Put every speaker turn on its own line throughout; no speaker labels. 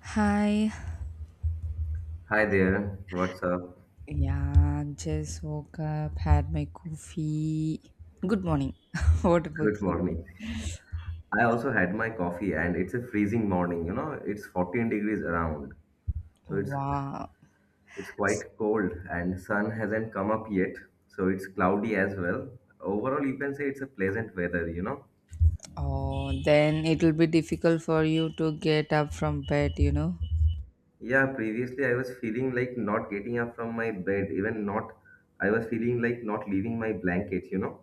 Hi.
Hi there, what's up?
Yeah, just woke up, had my coffee. Good morning. What about
Good
you?
morning. I also had my coffee and it's a freezing morning, you know, it's 14 degrees around. So it's
Wow.
it's quite cold and sun hasn't come up yet, so it's cloudy as well. Overall, you can say it's a pleasant weather, you know.
Oh, then it'll be difficult for you to get up from bed, you know?
Yeah, previously I was feeling like not getting up from my bed, even not I was feeling like not leaving my blanket, you know.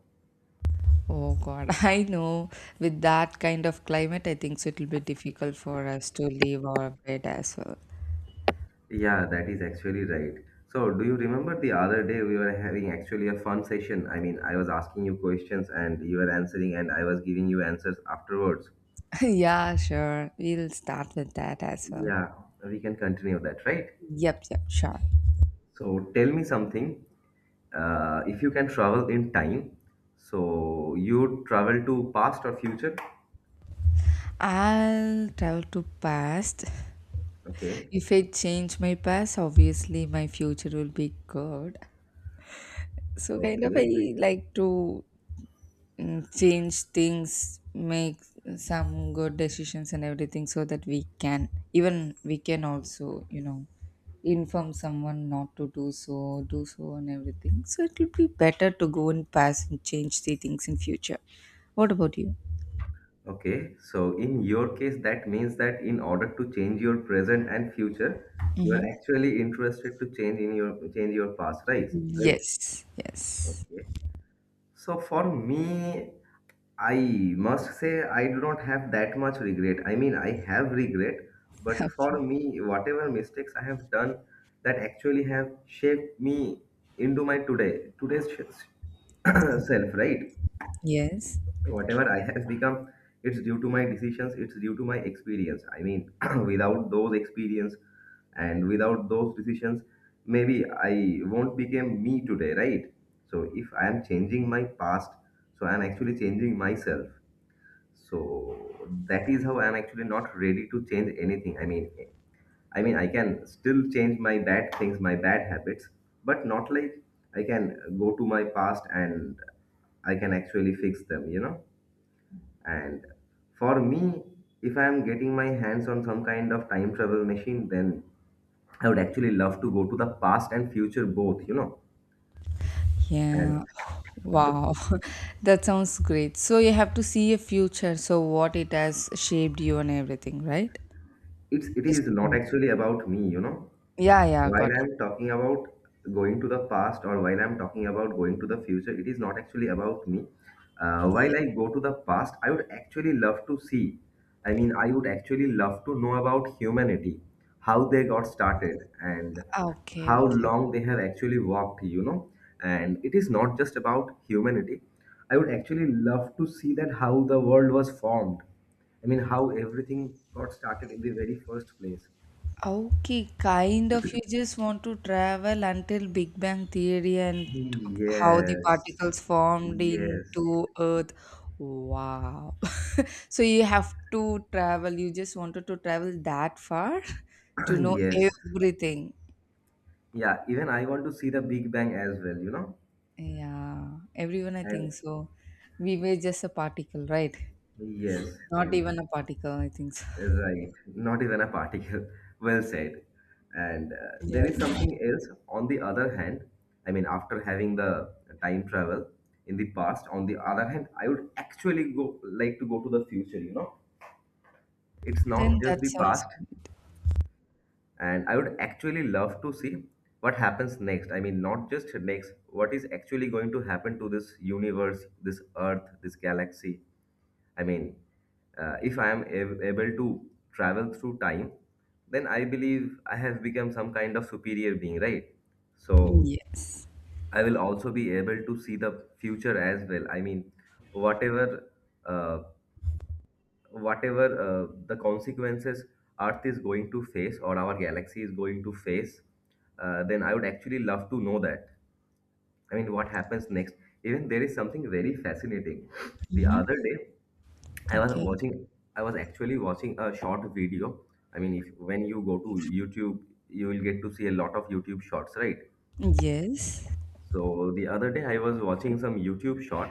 Oh, God. I know. With that kind of climate, I think so it'll be difficult for us to leave our bed as well.
Yeah, that is actually right. So, do you remember the other day we were having actually a fun session? I mean, I was asking you questions and you were answering, and I was giving you answers afterwards.
Yeah, sure. We'll start with that as well.
Yeah, we can continue that, right?
Yep, yep, sure.
So, tell me something. If you can travel in time, so you would travel to past or future?
I'll travel to past.
Okay,
If I change my past, obviously my future will be good. So kind of
okay.
I like to change things, make some good decisions and everything so that we can also, inform someone not to do so, do so and everything. So it will be better to go in past and change the things in future. What about you?
Okay, so in your case, that means that in order to change your present and future, you
Mm-hmm.
are actually interested to change your past, right? Right.
Yes, yes.
Okay. So for me, I must say I do not have that much regret. I mean, I have regret, but for me, whatever mistakes I have done that actually have shaped me into my today's self, right?
Yes.
Whatever I have become, it's due to my decisions, it's due to my experience. I mean, without those experience and without those decisions, maybe I won't become me today, right? So if I am changing my past, so I am actually changing myself. So that is how I am actually not ready to change anything. I mean I can still change my bad things, my bad habits, but not like I can go to my past and I can actually fix them, you know? And for me, if I am getting my hands on some kind of time travel machine, then I would actually love to go to the past and future both, you know. And
Yeah.
j-
Wow. That sounds great. So you have to see a future. So what it has shaped you and everything, right?
it's it
Just
is not actually about me, you know.
Yeah, yeah, got
While
it.
I'm talking about going to the past or while I'm talking about going to the future, it is not actually about me.
Yeah.
While I go to the past, I would actually love to see. I mean, I would actually love to know about humanity, how they got started, and
Okay,
how
okay.
long they have actually walked, you know. And it is not just about humanity. I would actually love to see that how the world was formed. I mean, how everything got started in the very first place.
Okay, kind of you just want to travel until Big Bang Theory and how the
Yes,
particles formed
yes,
into Earth. Wow. So you have to travel, you just wanted to travel that far to know
yes.
everything.
Yeah, even I want to see the Big Bang as well, you know?
Yeah, everyone I
And
think so. We were just a particle, right?
yes,
Not
and
even a particle, I think so.
right, not even a particle. Well said. And
Yeah.
there is something else. On the other hand, I mean, after having the time travel in the past, on the other hand, I would actually go like to go to the future, you know? It's
Then
not just
that
the
sounds
past. And I would actually love to see what happens next. I mean, not just next, what is actually going to happen to this universe, this earth, this galaxy. I mean, if I am able to travel through time, then I believe I have become some kind of superior being, right? So
Yes.
I will also be able to see the future as well. I mean, whatever uh, whatever the consequences Earth is going to face or our galaxy is going to face, then I would actually love to know that. I mean, what happens next? Even there is something very fascinating. The
hmm
other day, I was
Okay.
watching, I was actually watching a short video. I mean, if when you go to YouTube, you will get to see a lot of YouTube shorts, right?
Yes.
So the other day I was watching some YouTube short,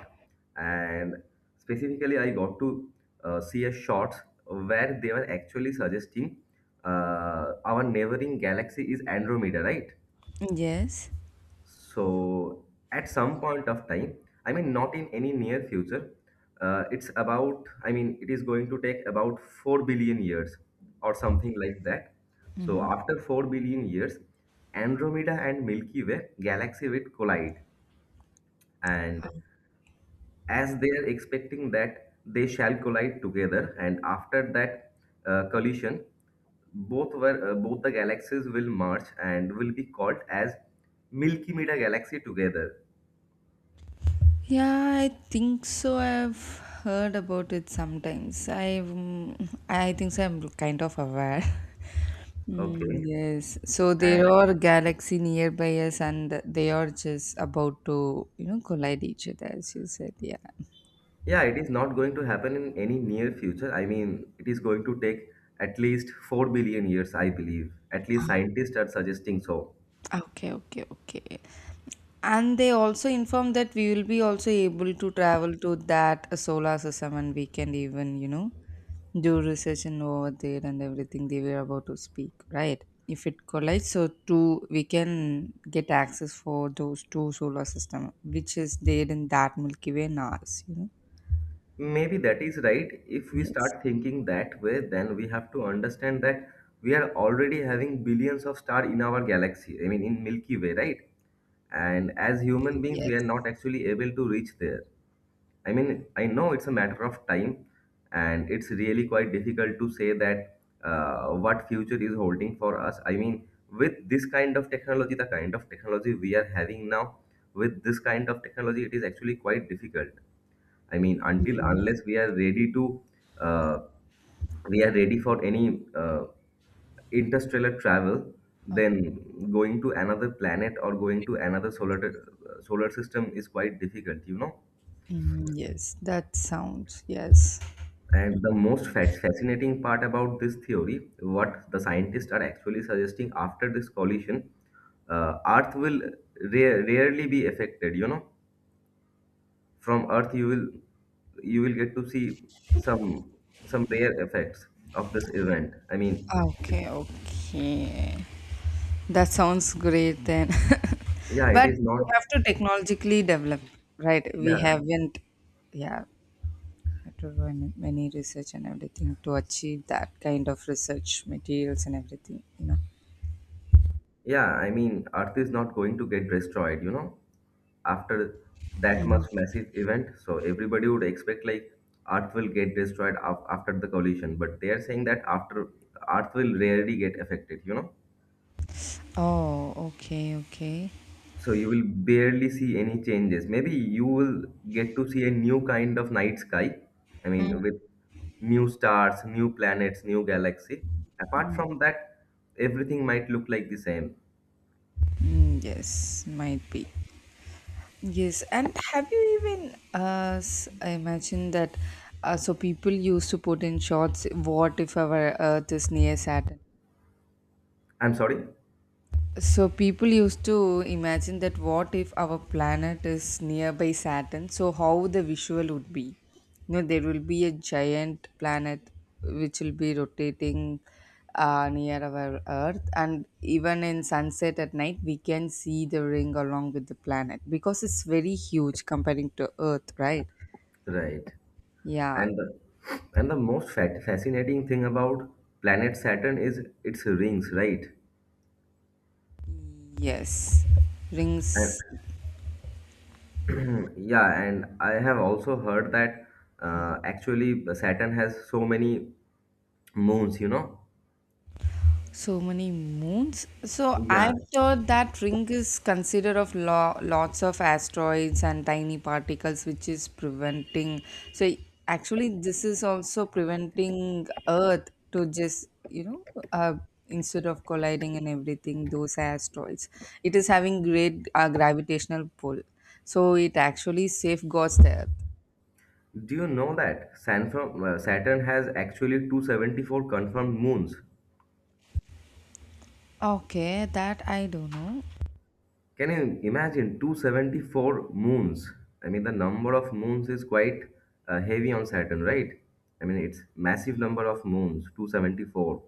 and specifically I got to see a short where they were actually suggesting our neighboring galaxy is Andromeda, right?
Yes.
So at some point of time, I mean not in any near future, it is going to take about 4 billion years or something like that. So
hmm
after 4 billion years, Andromeda and Milky Way galaxy will collide and as they are expecting that they shall collide together and after that collision both the galaxies will merge and will be called as milky meter galaxy together.
Yeah, I think so. I've heard about it sometimes. I think so. I'm kind of aware.
Okay.
Mm, yes. So there
And
are galaxy nearby us, and they are just about to, collide each other, as you said. Yeah.
yeah, it is not going to happen in any near future. I mean, it is going to take at least 4 billion years, I believe. At least scientists are suggesting so.
Okay, okay, okay. And they also informed that we will be also able to travel to that solar system and we can even, do research and over there and everything they were about to speak, right? If it collides, so two we can get access for those two solar system, which is there in that Milky Way and ours.
Maybe that is right. If we
Yes,
start thinking that way, then we have to understand that we are already having billions of stars in our galaxy, I mean, in Milky Way, right? And as human beings,
yes.
we are not actually able to reach there. I mean, I know it's a matter of time, and it's really quite difficult to say that what future is holding for us. I mean, with this kind of technology, the kind of technology we are having now, with this kind of technology, it is actually quite difficult. I mean, until unless we are uh, we are ready for any interstellar travel,
Okay.
then going to another planet or going to another solar system is quite difficult, you know.
Mm, yes, that sounds yes.
And the most fascinating part about this theory, what the scientists are actually suggesting after this collision, Earth will rarely be affected, you know. From Earth, you will get to see some some rare effects of this event. I mean,
Okay, okay. That sounds great then.
yeah, it
But
is
we
not.
have to technologically develop, right? We
Yeah,
haven't, yeah, we have to do many research and everything to achieve that kind of research materials and everything.
yeah. I mean, Earth is not going to get destroyed. You know, after that
Mhm.
much massive event, so everybody would expect like Earth will get destroyed after the collision, but they are saying that after Earth will rarely get affected. You know.
Oh, okay, okay.
So you will barely see any changes. Maybe you will get to see a new kind of night sky. I
Mm.
mean, with new stars, new planets, new galaxy. Apart from that, everything might look like the same.
Mm, yes, might be. Yes, and have you even I imagine that so people used to put in shots, what if our Earth is near Saturn?
I'm sorry.
So people used to imagine that what if our planet is nearby Saturn? So how the visual would be? You know, there will be a giant planet which will be rotating near our Earth, and even in sunset at night, we can see the ring along with the planet because it's very huge comparing to Earth, right?
Right.
Yeah.
And the, and the most fascinating thing about planet Saturn is its rings, right?
Yes. Rings.
And yeah, and I have also heard that actually Saturn has so many moons, you know?
So many moons. So
Yeah,
I've heard that ring is considered of lots of asteroids and tiny particles, which is preventing. So actually, this is also preventing Earth to just uh, instead of colliding and everything those asteroids. It is having great gravitational pull, so it actually safeguards the Earth.
do you know that Saturn has actually 274 confirmed moons?
Okay, that I don't know.
Can you imagine 274 moons? I mean, the number of moons is quite heavy on Saturn, right? I mean, it's massive number of moons, 274.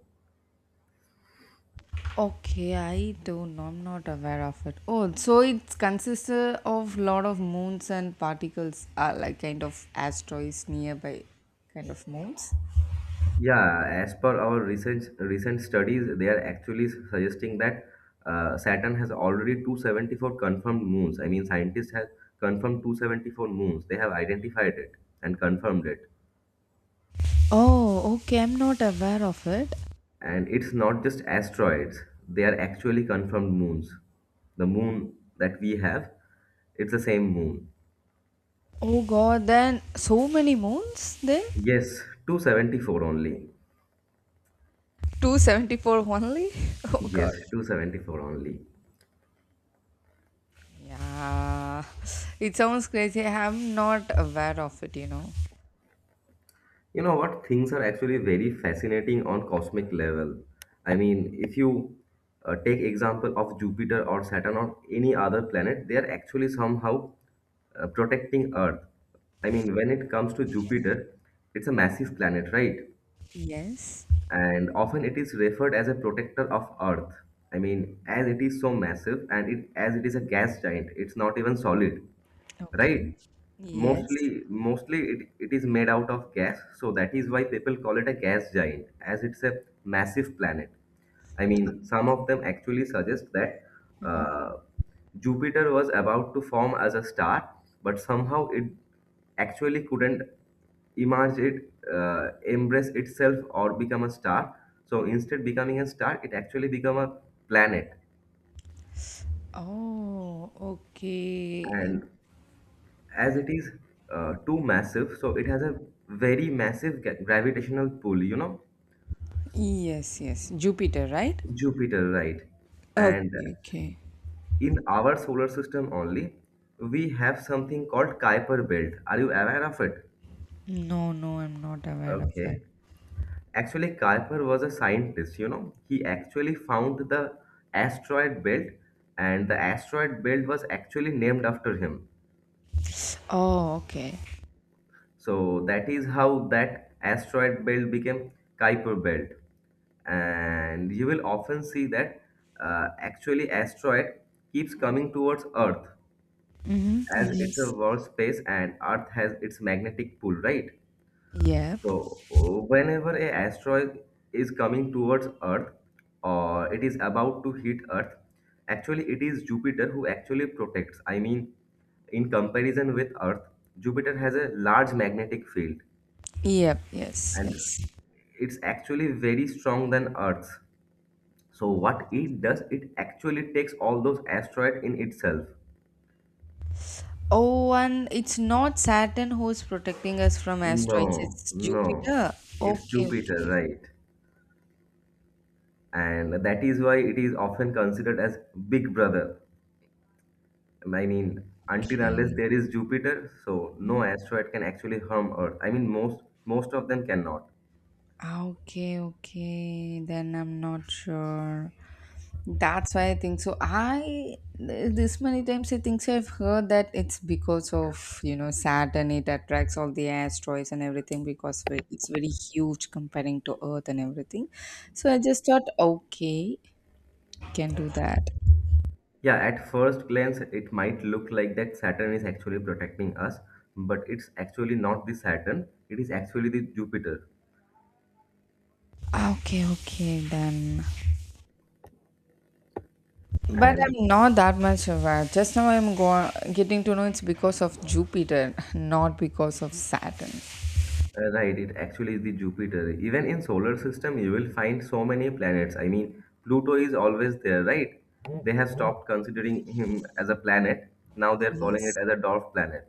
Okay, I don't know. I'm not aware of it. Oh, so it consists of lot of moons and particles are like kind of asteroids nearby kind of moons.
Yeah, as per our recent studies, they are actually suggesting that Saturn has already 274 confirmed moons. I mean, scientists have confirmed 274 moons. They have identified it and confirmed it.
Oh, okay. I'm not aware of it.
And it's not just asteroids, they are actually confirmed moons. The moon that we have, it's the same moon.
Oh god, then so many moons then?
Yes, 274 only.
274 only? Oh
Yes,
god.
274 only.
Yeah. It sounds crazy. I'm not aware of it.
You know what? Things are actually very fascinating on cosmic level. I mean, if you take example of Jupiter or Saturn or any other planet, they are actually somehow protecting Earth. I mean, when it comes to Jupiter, it's a massive planet, right?
Yes.
And often it is referred as a protector of earth. I mean, as it is so massive, and it as it is a gas giant, it's not even solid,
Okay.
right?
Yes.
Mostly it is made out of gas, so that is why people call it a gas giant, as it's a massive planet. I mean, some of them actually suggest that uh, Jupiter was about to form as a star, but somehow it actually couldn't embrace itself, or become a star. So instead, becoming a star, it actually become a planet.
Oh, okay.
And as it is too massive, so it has a very massive gravitational pull, you know,
Yes, yes. Jupiter, right?
Jupiter, right? And
Okay, okay.
in our solar system only, we have something called Kuiper Belt. Are you aware of it?
No, no, I'm not aware of it.
Okay. Actually, Kuiper was a scientist, you know. He actually found the asteroid belt, and the asteroid belt was actually named after him.
Oh, okay.
So that is how that asteroid belt became Kuiper Belt. And you will often see that actually asteroid keeps coming towards earth,
Mm-hmm.
as it's a
Yes.
world space and earth has its magnetic pull, right? So
Yep.
whenever a asteroid is coming towards earth or it is about to hit earth, actually it is Jupiter who actually protects. I mean, in comparison with earth, Jupiter has a large magnetic field,
Yep. Yes.
and
Yes.
it's actually very strong than earth's. So what it does, it actually takes all those asteroids in itself.
Oh, and it's not Saturn who's protecting us from asteroids.
No,
It's
no.
Jupiter.
It's
Okay.
Jupiter,
Okay.
right? And that is why it is often considered as Big Brother. I mean, until unless
Okay.
there is Jupiter, so no asteroid can actually harm Earth. I mean, most of them cannot.
Ah, okay, okay. Then I'm not sure. That's why I think so. I this many times I think so. I've heard that it's because of Saturn. It attracts all the asteroids and everything because it's very huge comparing to Earth and everything. So I just thought, okay, can do that.
Yeah, at first glance, it might look like that Saturn is actually protecting us, but it's actually not the Saturn. It is actually the Jupiter.
Ah, okay, okay, then. But
And
I'm not that much aware. Just now I'm getting to know it's because of Jupiter, not because of Saturn.
Right, it actually is the Jupiter. Even in solar system, you will find so many planets. I mean, Pluto is always there, right? They have stopped considering him as a planet. Now they're calling it
Yes.
as a dwarf planet.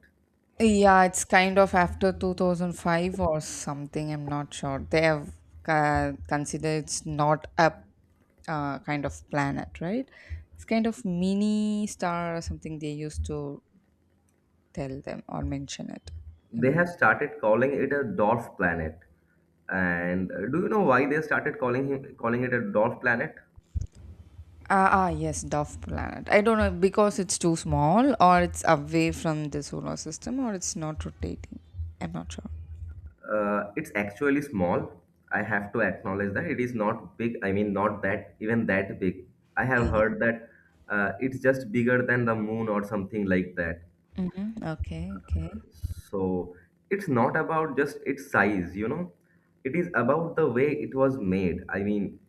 Yeah, it's kind of after 2005 or something. I'm not sure. They have considered it's not a kind of planet, right? It's kind of mini star or something they used to tell them or mention it, you
They
know.
have started calling it a dwarf planet. And do you know why they started calling it a dwarf planet?
Ah, yes, Dove planet. I don't know because it's too small or it's away from the solar system or it's not rotating. I'm not sure.
It's actually small. I have to acknowledge that it is not big. I mean, not that even that big. I have heard that it's just bigger than the moon or something like that.
Mm-hmm. Okay, okay.
So it's not about just its size, you know. It is about the way it was made. I mean,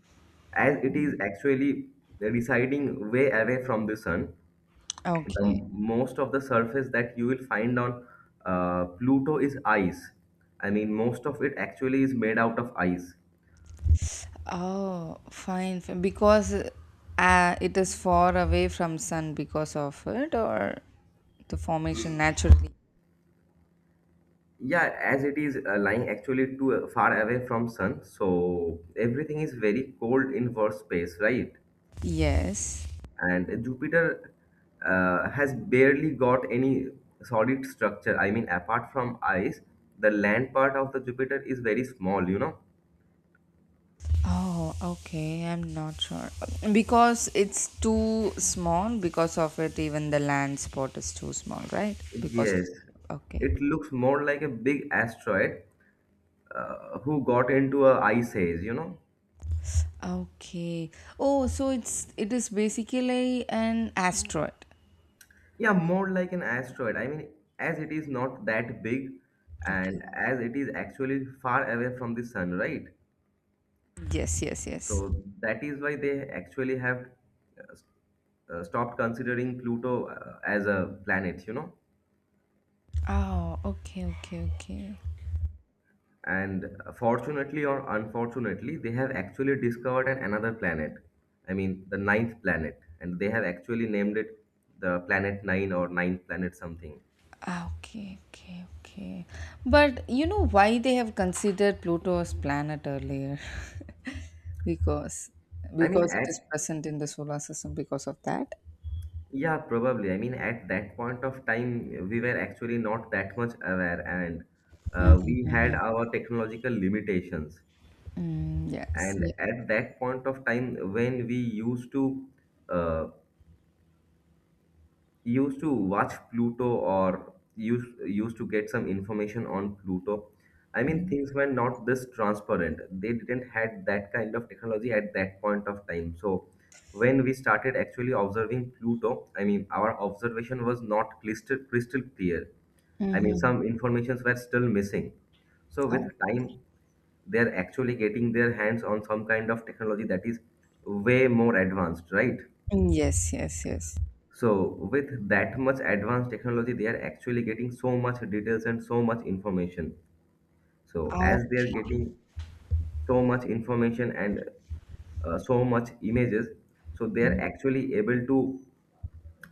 as it is actually residing way away from the sun, the
Okay.
most of the surface that you will find on Pluto is ice. I mean, most of it actually is made out of ice.
Oh, fine, fine. Because it is far away from sun because of it or the formation naturally.
Yeah, as it is lying actually too far away from Sun, so everything is very cold in verse space, right?
Yes.
And Jupiter has barely got any solid structure. I mean, apart from ice, the land part of the Jupiter is very small, you know?
Oh, okay. I'm not sure. Because it's too small because of it even the land spot is too small, right? Because of
Yes,
the Okay.
it looks more like a big asteroid who got into a ice age, you know?
Okay. Oh, so it is basically an asteroid.
Yeah, more like an asteroid. I mean, as it is not that big
Okay.
and as it is actually far away from the sun, right?
Yes, yes, yes.
So that is why they actually have uh, s- stopped considering Pluto as a planet, you know?
Oh, okay, okay, okay.
And fortunately or unfortunately, they have actually discovered an, another planet. I mean, the ninth planet. And they have actually named it the planet nine or ninth planet something.
Ah, okay, okay, okay. But you know why they have considered Pluto as planet earlier? because
I mean,
because it is
at
present in the solar system because of that.
Yeah, probably. I mean, at that point of time, we were actually not that much aware, and we had our technological limitations.
Mm, yes.
And
Yeah.
at that point of time, when we used to uh, used to watch Pluto or used to get some information on Pluto. I mean, things were not this transparent. They didn't had that kind of technology at that point of time. So when we started actually observing Pluto, I mean, our observation was not crystal clear. I mean,
Mm-hmm.
some informations were still missing. So with time, they're actually getting their hands on some kind of technology that is way more advanced, right?
Yes, yes, yes.
So with that much advanced technology, they are actually getting so much details and so much information. So
Ah,
as they are
okay.
getting so much information and so much images, so they are actually able to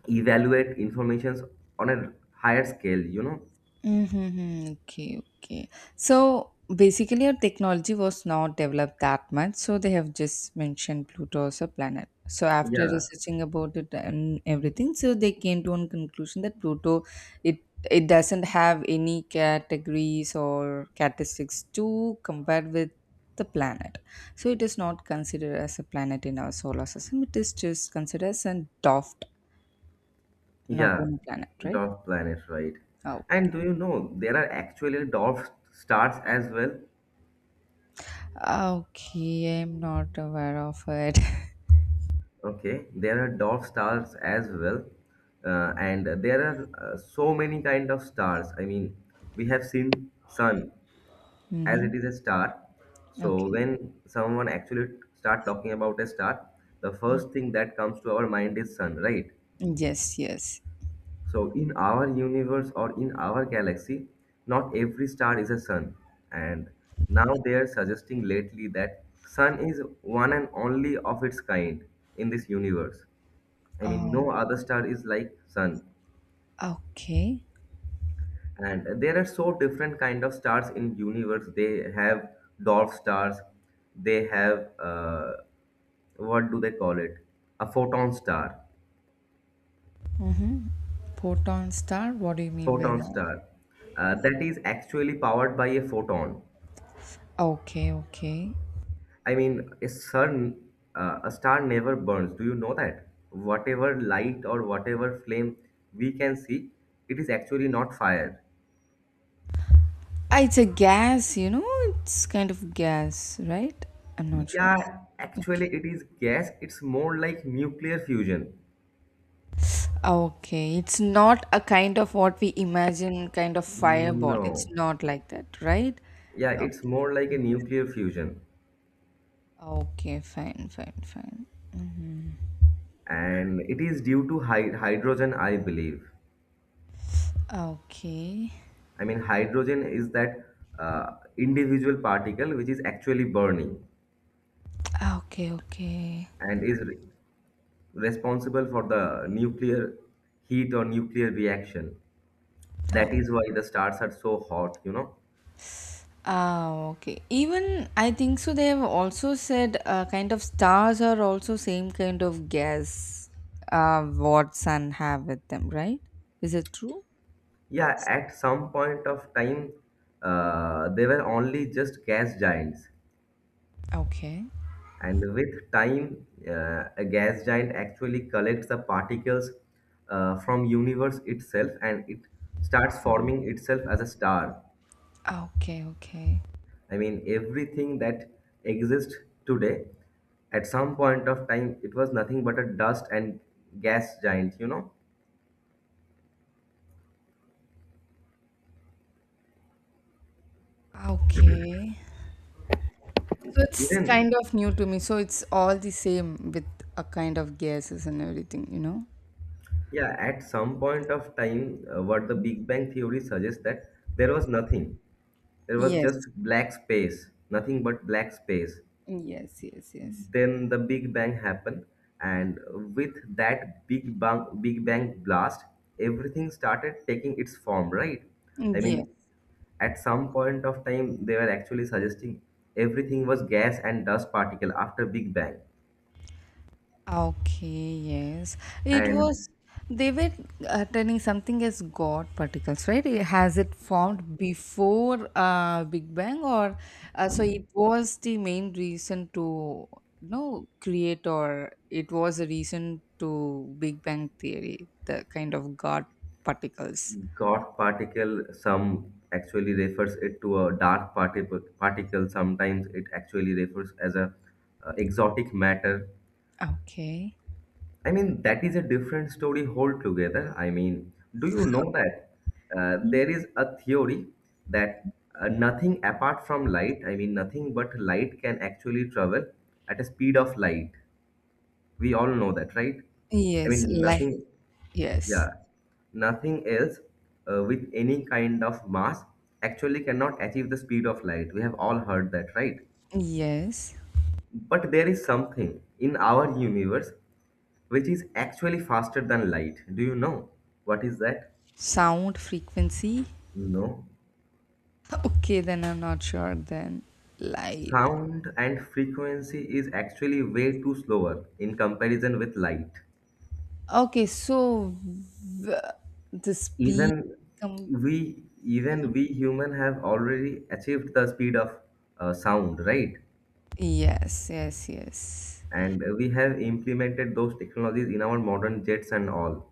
evaluate informations on a higher scale, you know?
Mm-hmm. Okay, okay. So basically, our technology was not developed that much. So they have just mentioned Pluto as a planet. So after
Yeah,
researching about it and everything, so they came to one conclusion that Pluto, it it doesn't have any categories or characteristics to compare with the planet. So it is not considered as a planet in our solar system. It is just considered as a dwarf, not
yeah,
even a planet, right?
dwarf planets, right.
Oh.
And do you know there are actually dwarf stars as well?
Okay, I'm not aware of it.
Okay, there are dwarf stars as well, and there are so many kind of stars. I mean, we have seen sun as
Mm-hmm.
it is a star. So
Okay.
when someone actually start talking about a star, the first thing that comes to our mind is sun, right?
Yes, yes.
So in our universe or in our galaxy, not every star is a sun. And now they are suggesting lately that sun is one and only of its kind in this universe. I mean,
Oh,
no other star is like sun.
okay.
And there are so different kind of stars in universe. They have dwarf stars. They have what do they call it? A photon star.
Mm-hmm. Proton star? What do you mean by
Photon
that?
star. That is actually powered by a photon.
Okay, okay.
I mean, a sun, a star never burns. Do you know that? Whatever light or whatever flame we can see, it is actually not fire.
Ah, it's a gas, you know? It's kind of gas, right? I'm not sure.
Yeah,
Okay.
actually, it is gas. It's more like nuclear fusion.
Okay, it's not a kind of what we imagine kind of fireball. It's
No.
not like that, right?
Yeah,
No.
it's more like a nuclear fusion.
Okay, fine, fine, fine.
And it is due to hydrogen, I believe.
Okay.
I mean, hydrogen is that individual particle which is actually burning
Ah, okay, okay.
and is responsible for the nuclear heat or nuclear reaction. That
Oh.
is why the stars are so hot, you know.
Ah, okay. Even I think so. They have also said kind of stars are also same kind of gas what sun have with them, right? Is it true?
Yeah, at some point of time, they were only just gas giants.
Okay.
And with time, a gas giant actually collects the particles from universe itself and it starts forming itself as a star.
Okay. Okay.
I mean, everything that exists today, at some point of time, it was nothing but a dust and gas giant, you know?
Okay. So it's
Even,
kind of new to me. So it's all the same with a kind of gases and everything, you know?
yeah, at some point of time, what the Big Bang theory suggests that there was nothing. There was just
Yes.
black space, nothing but black space.
Yes. Yes. Yes.
Then the Big Bang happened,
Mm,
and with that Big Bang blast, everything started taking its form, right? I
yes.
mean, at some point of time, they were actually suggesting everything was gas and dust particle after Big Bang.
Okay, yes. It
And
was, they were attending something as God particles, right? Has it formed before Big Bang or so it was the main reason to create or it was a reason to Big Bang theory, the kind of God particles.
God particle, some actually refers it to a dark particle. Sometimes it actually refers as a exotic matter.
Okay.
I mean, that is a different story altogether. I mean, do you know that
Mm.
there is a theory that nothing apart from light, I mean, nothing but light can actually travel at a speed of light. We all know that, right? I
Yes,
mean,
like
nothing,
yes.
yeah, nothing else with any kind of mass actually cannot achieve the speed of light. We have all heard that, right?
Yes.
But there is something in our universe which is actually faster than light. Do you know what is that?
Sound frequency.
No.
Okay, then I'm not sure then. Light.
Sound and frequency is actually way too slower in comparison with light.
Okay, so w- the speed.
Even
Com-
even we human have already achieved the speed of sound, right?
yes, yes, yes.
And we have implemented those technologies in our modern jets and all.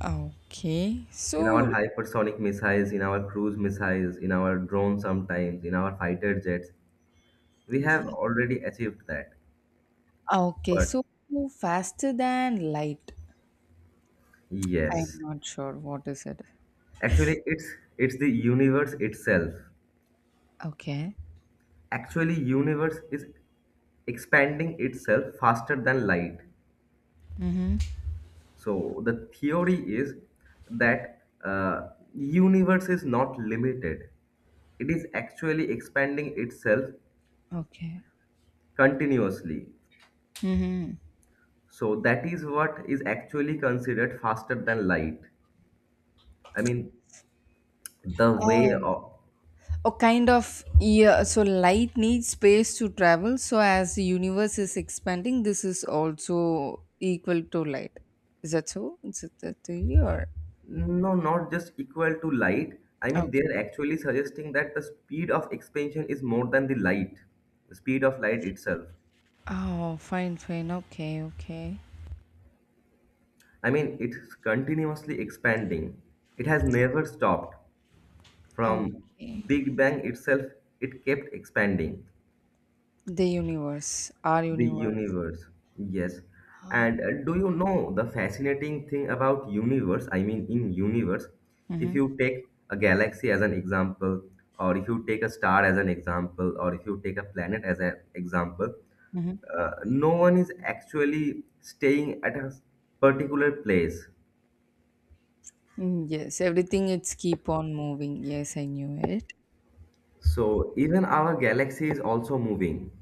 Okay,
In our
so
hypersonic missiles, in our cruise missiles, in our drones sometimes, in our fighter jets. We have
yeah.
already achieved that.
Okay,
But
so faster than light. I'm
Yes.
not sure what is it.
Actually, it's the universe itself.
Okay,
Actually, universe is expanding itself faster than light.
mm-hmm,
So the theory is that universe is not limited. It is actually expanding itself
okay.
continuously.
Mm-hmm.
So that is what is actually considered faster than light. I mean, the way
Oh.
of
A kind of yeah. So light needs space to travel. So as the universe is expanding, this is also equal to light. Is that so? Is it that theory or?
No, not just equal to light. I mean, they're actually suggesting that the speed of expansion is more than the light, the speed of light itself.
Oh, fine, fine. Okay, okay.
I mean, it's continuously expanding. It has never stopped. From
Okay.
Big Bang itself, it kept expanding.
The universe, our
The
universe.
universe, yes.
Oh.
And do you know the fascinating thing about universe? I mean, in universe, if
Mm-hmm.
you take a galaxy as an example, or if you take a star as an example, or if you take a planet as an example, no one is actually staying at a particular place.
Mm-hmm. Yes, everything it's keep on moving. Yes, I knew it.
So even our galaxy is also moving.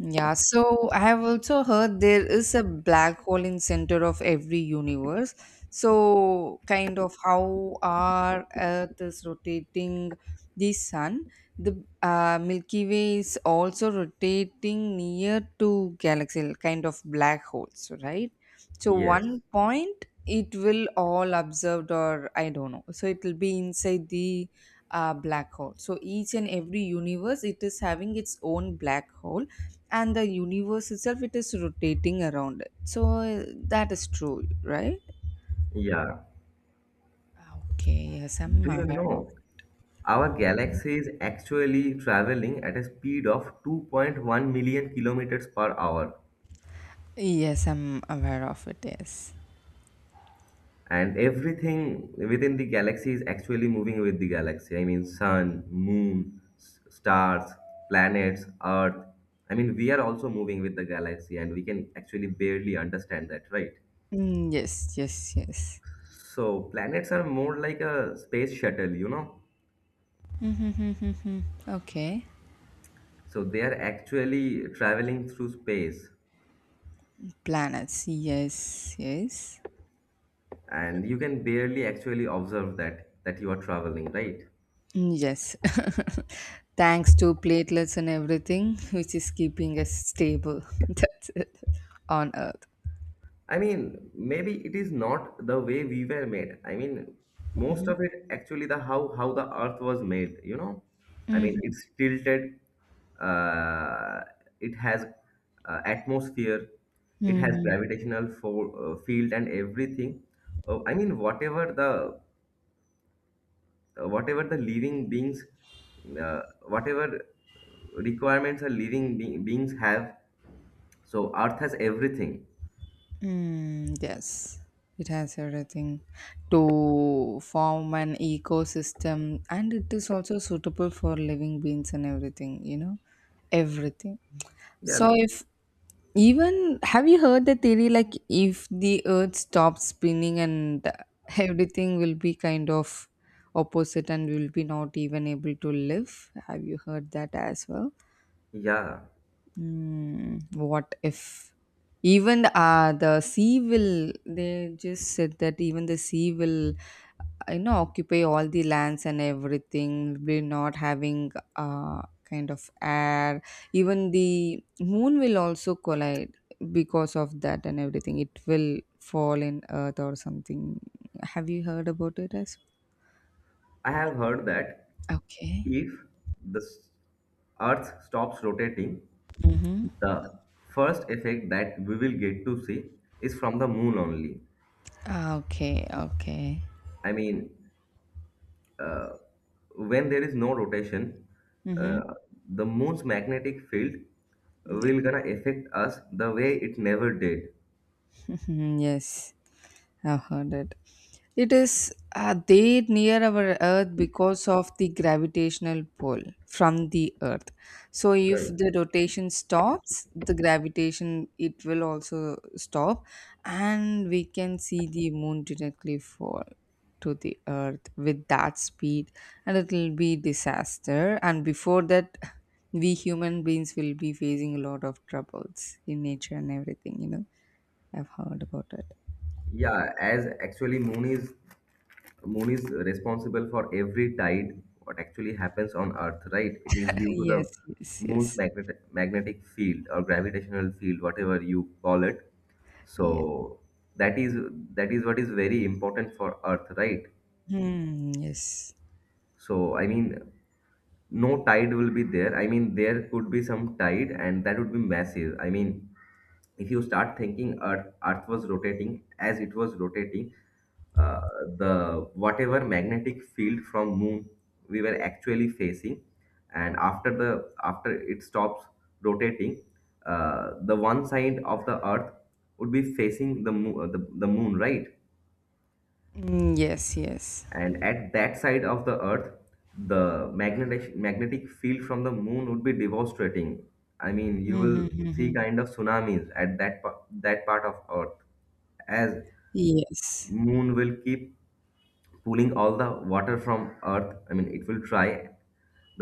Yeah, so I have also heard there is a black hole in center of every universe. So kind of how our Earth is rotating the sun, the Milky Way is also rotating near to galaxy, kind of black holes, right? So
Yes.
one point it will all observed or I don't know. So it will be inside the black hole. So each and every universe it is having its own black hole and the universe itself it is rotating around it so that is true, right?
Yeah.
Okay, yes, I'm
Do you
aware of.
know our galaxy is actually traveling at a speed of 2.1 million kilometers per hour?
Yes, I'm aware of it. Yes.
And everything within the galaxy is actually moving with the galaxy. I mean, sun, moon, stars, planets, Earth. I mean, we are also moving with the galaxy, and we can actually barely understand that, right?
Mm, yes, yes, yes.
So, planets are more like a space shuttle, you know?
Mm-hmm, okay.
So, they are actually traveling through space.
Planets. Yes, yes.
And you can barely actually observe that you are traveling, right?
Mm, yes. Thanks to platelets and everything, which is keeping us stable. That's it on Earth.
I mean, maybe it is not the way we were made. I mean, most
Mm-hmm.
of it actually, the how the earth was made, you know? I mean,
Mm-hmm.
it's tilted. uh, it has atmosphere. It has
Mm-hmm.
gravitational field and everything. I mean, whatever the living beings, uh, whatever requirements a living beings have, so Earth has everything.
Mm, yes, it has everything to form an ecosystem, and it is also suitable for living beings and everything, everything.
Yeah,
So, if even have you heard the theory like if the earth stops spinning and everything will be kind of opposite and we will be not even able to live? Have you heard that as well?
yeah.
Hmm. What if even the sea will, they just said that even the sea will, occupy all the lands and everything, we're not having kind of air, even the moon will also collide because of that, and everything it will fall in earth or something. Have you heard about it as
I have heard that
okay.
if the s- Earth stops rotating,
Mm-hmm.
the first effect that we will get to see is from the moon only.
Okay, okay.
I mean, when there is no rotation,
Mm-hmm.
uh, the moon's magnetic field will gonna affect us the way it never did.
Yes, I've heard it. It is there near our Earth because of the gravitational pull from the Earth. So if
Right.
the rotation stops, the gravitation it will also stop, and we can see the moon directly fall to the Earth with that speed, and it will be disaster. And before that, we human beings will be facing a lot of troubles in nature and everything. I've heard about it.
Yeah, as actually moon is responsible for every tide what actually happens on earth, right? It is due to the
Yes, yes,
moon's
yes.
magnetic field or gravitational field, whatever you call it. So
Yeah.
that is that is what is very important for earth, right?
Hmm. Yes.
So I mean, no tide will be there. I mean, there could be some tide, and that would be massive. I mean, if you start thinking Earth was rotating as it was rotating, uh, the whatever magnetic field from Moon we were actually facing, and after the after it stops rotating, the one side of the Earth would be facing the moon, the moon, right?
Mm, yes. Yes.
And at that side of the earth, the magnetic field from the moon would be devastating. I mean, you will
Mm-hmm,
see
hmm.
kind of tsunamis at that that part of earth, as
Yes.
moon will keep pulling all the water from earth. I mean, it will try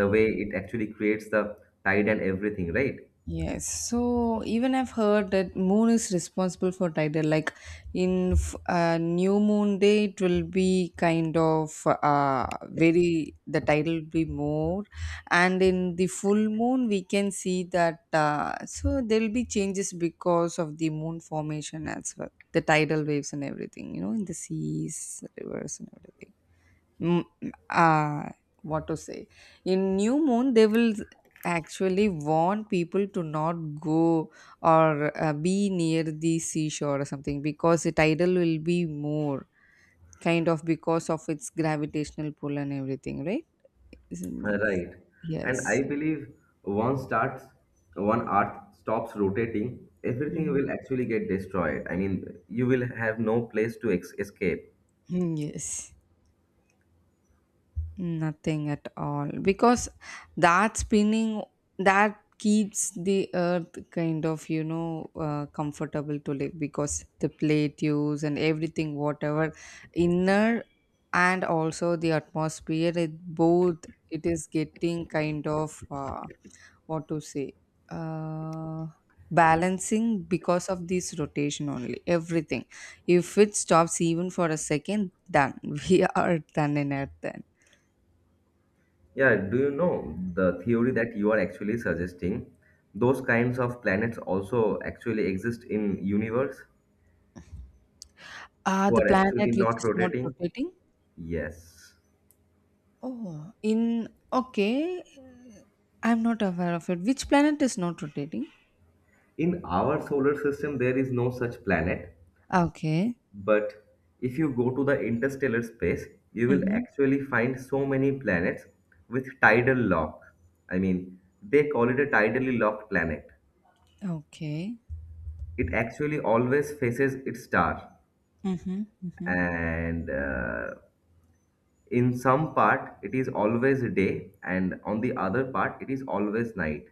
the way it actually creates the tide and everything, right?
Yes. So even I've heard that moon is responsible for tidal. Like in new moon day, it will be kind of very the tidal will be more, and in the full moon we can see that. So there will be changes because of the moon formation as well, the tidal waves and everything. You know, in the seas, rivers, and everything. mm, uh, what to say, in new moon they will actually warn people to not go or be near the seashore or something because the tidal will be more kind of because of its gravitational pull and everything, right? Isn't,
Right. And I
yes.
believe once starts one earth stops rotating, everything
Mhm.
will actually get destroyed. I mean, you will have no place to ex escape.
Mm, yes. Nothing at all. Because that spinning that keeps the earth kind of, comfortable to live because the plate use and everything, whatever inner and also the atmosphere, it both it is getting kind of what to say, uh, balancing because of this rotation only. Everything. If it stops even for a second, done. We are done in earth.
Yeah, do you know the theory that you are actually suggesting? Those kinds of planets also actually exist in universe
Ah,
who
the
are
planet
actually
which
not
is not
rotating?
rotating?
Yes.
Oh, in okay, I'm not aware of it. Which planet is not rotating?
In our solar system, there is no such planet.
Okay.
But if you go to the interstellar space, you will
Mhm.
actually find so many planets with tidal lock. I mean, they call it a tidally locked planet.
Okay.
It actually always faces its star,
Mm-hmm, mm-hmm,
and in some part it is always day, and on the other part it is always night.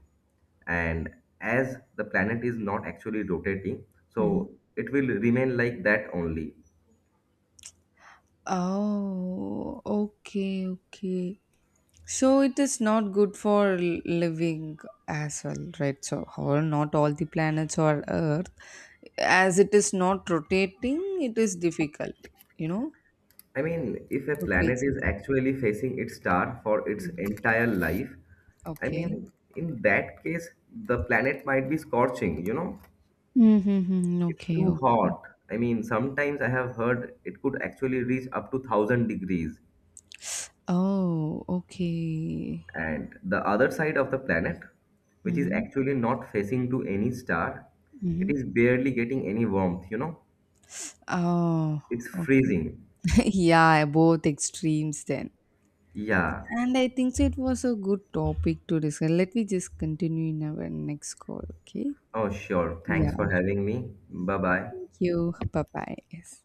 And as the planet is not actually rotating,
mm-hmm.
so it will remain like that only.
Oh, okay, okay. So it is not good for living as well, right? So, however, not all the planets or Earth, as it is not rotating, it is difficult, you know,
I mean, if a
to create
planet is
something.
actually facing its star for its
Mm.
entire life, I
Okay.
mean, in that case, the planet might be scorching, you know?
Mhm.
It's
Okay,
too
okay.
hot. I mean, sometimes I have heard it could actually reach up to 1,000 degrees.
Oh, okay.
And the other side of the planet, which is
Mhm.
actually not facing to any star, it
Mhm.
is barely getting any warmth, you know?
Oh,
It's
okay.
freezing.
Yeah, both extremes then.
Yeah.
And I think so it was a good topic to discuss. Let me just continue in our next call, okay?
Oh, sure.
Yeah,
Thanks for having me. Bye bye.
thank you. Bye bye. Yes.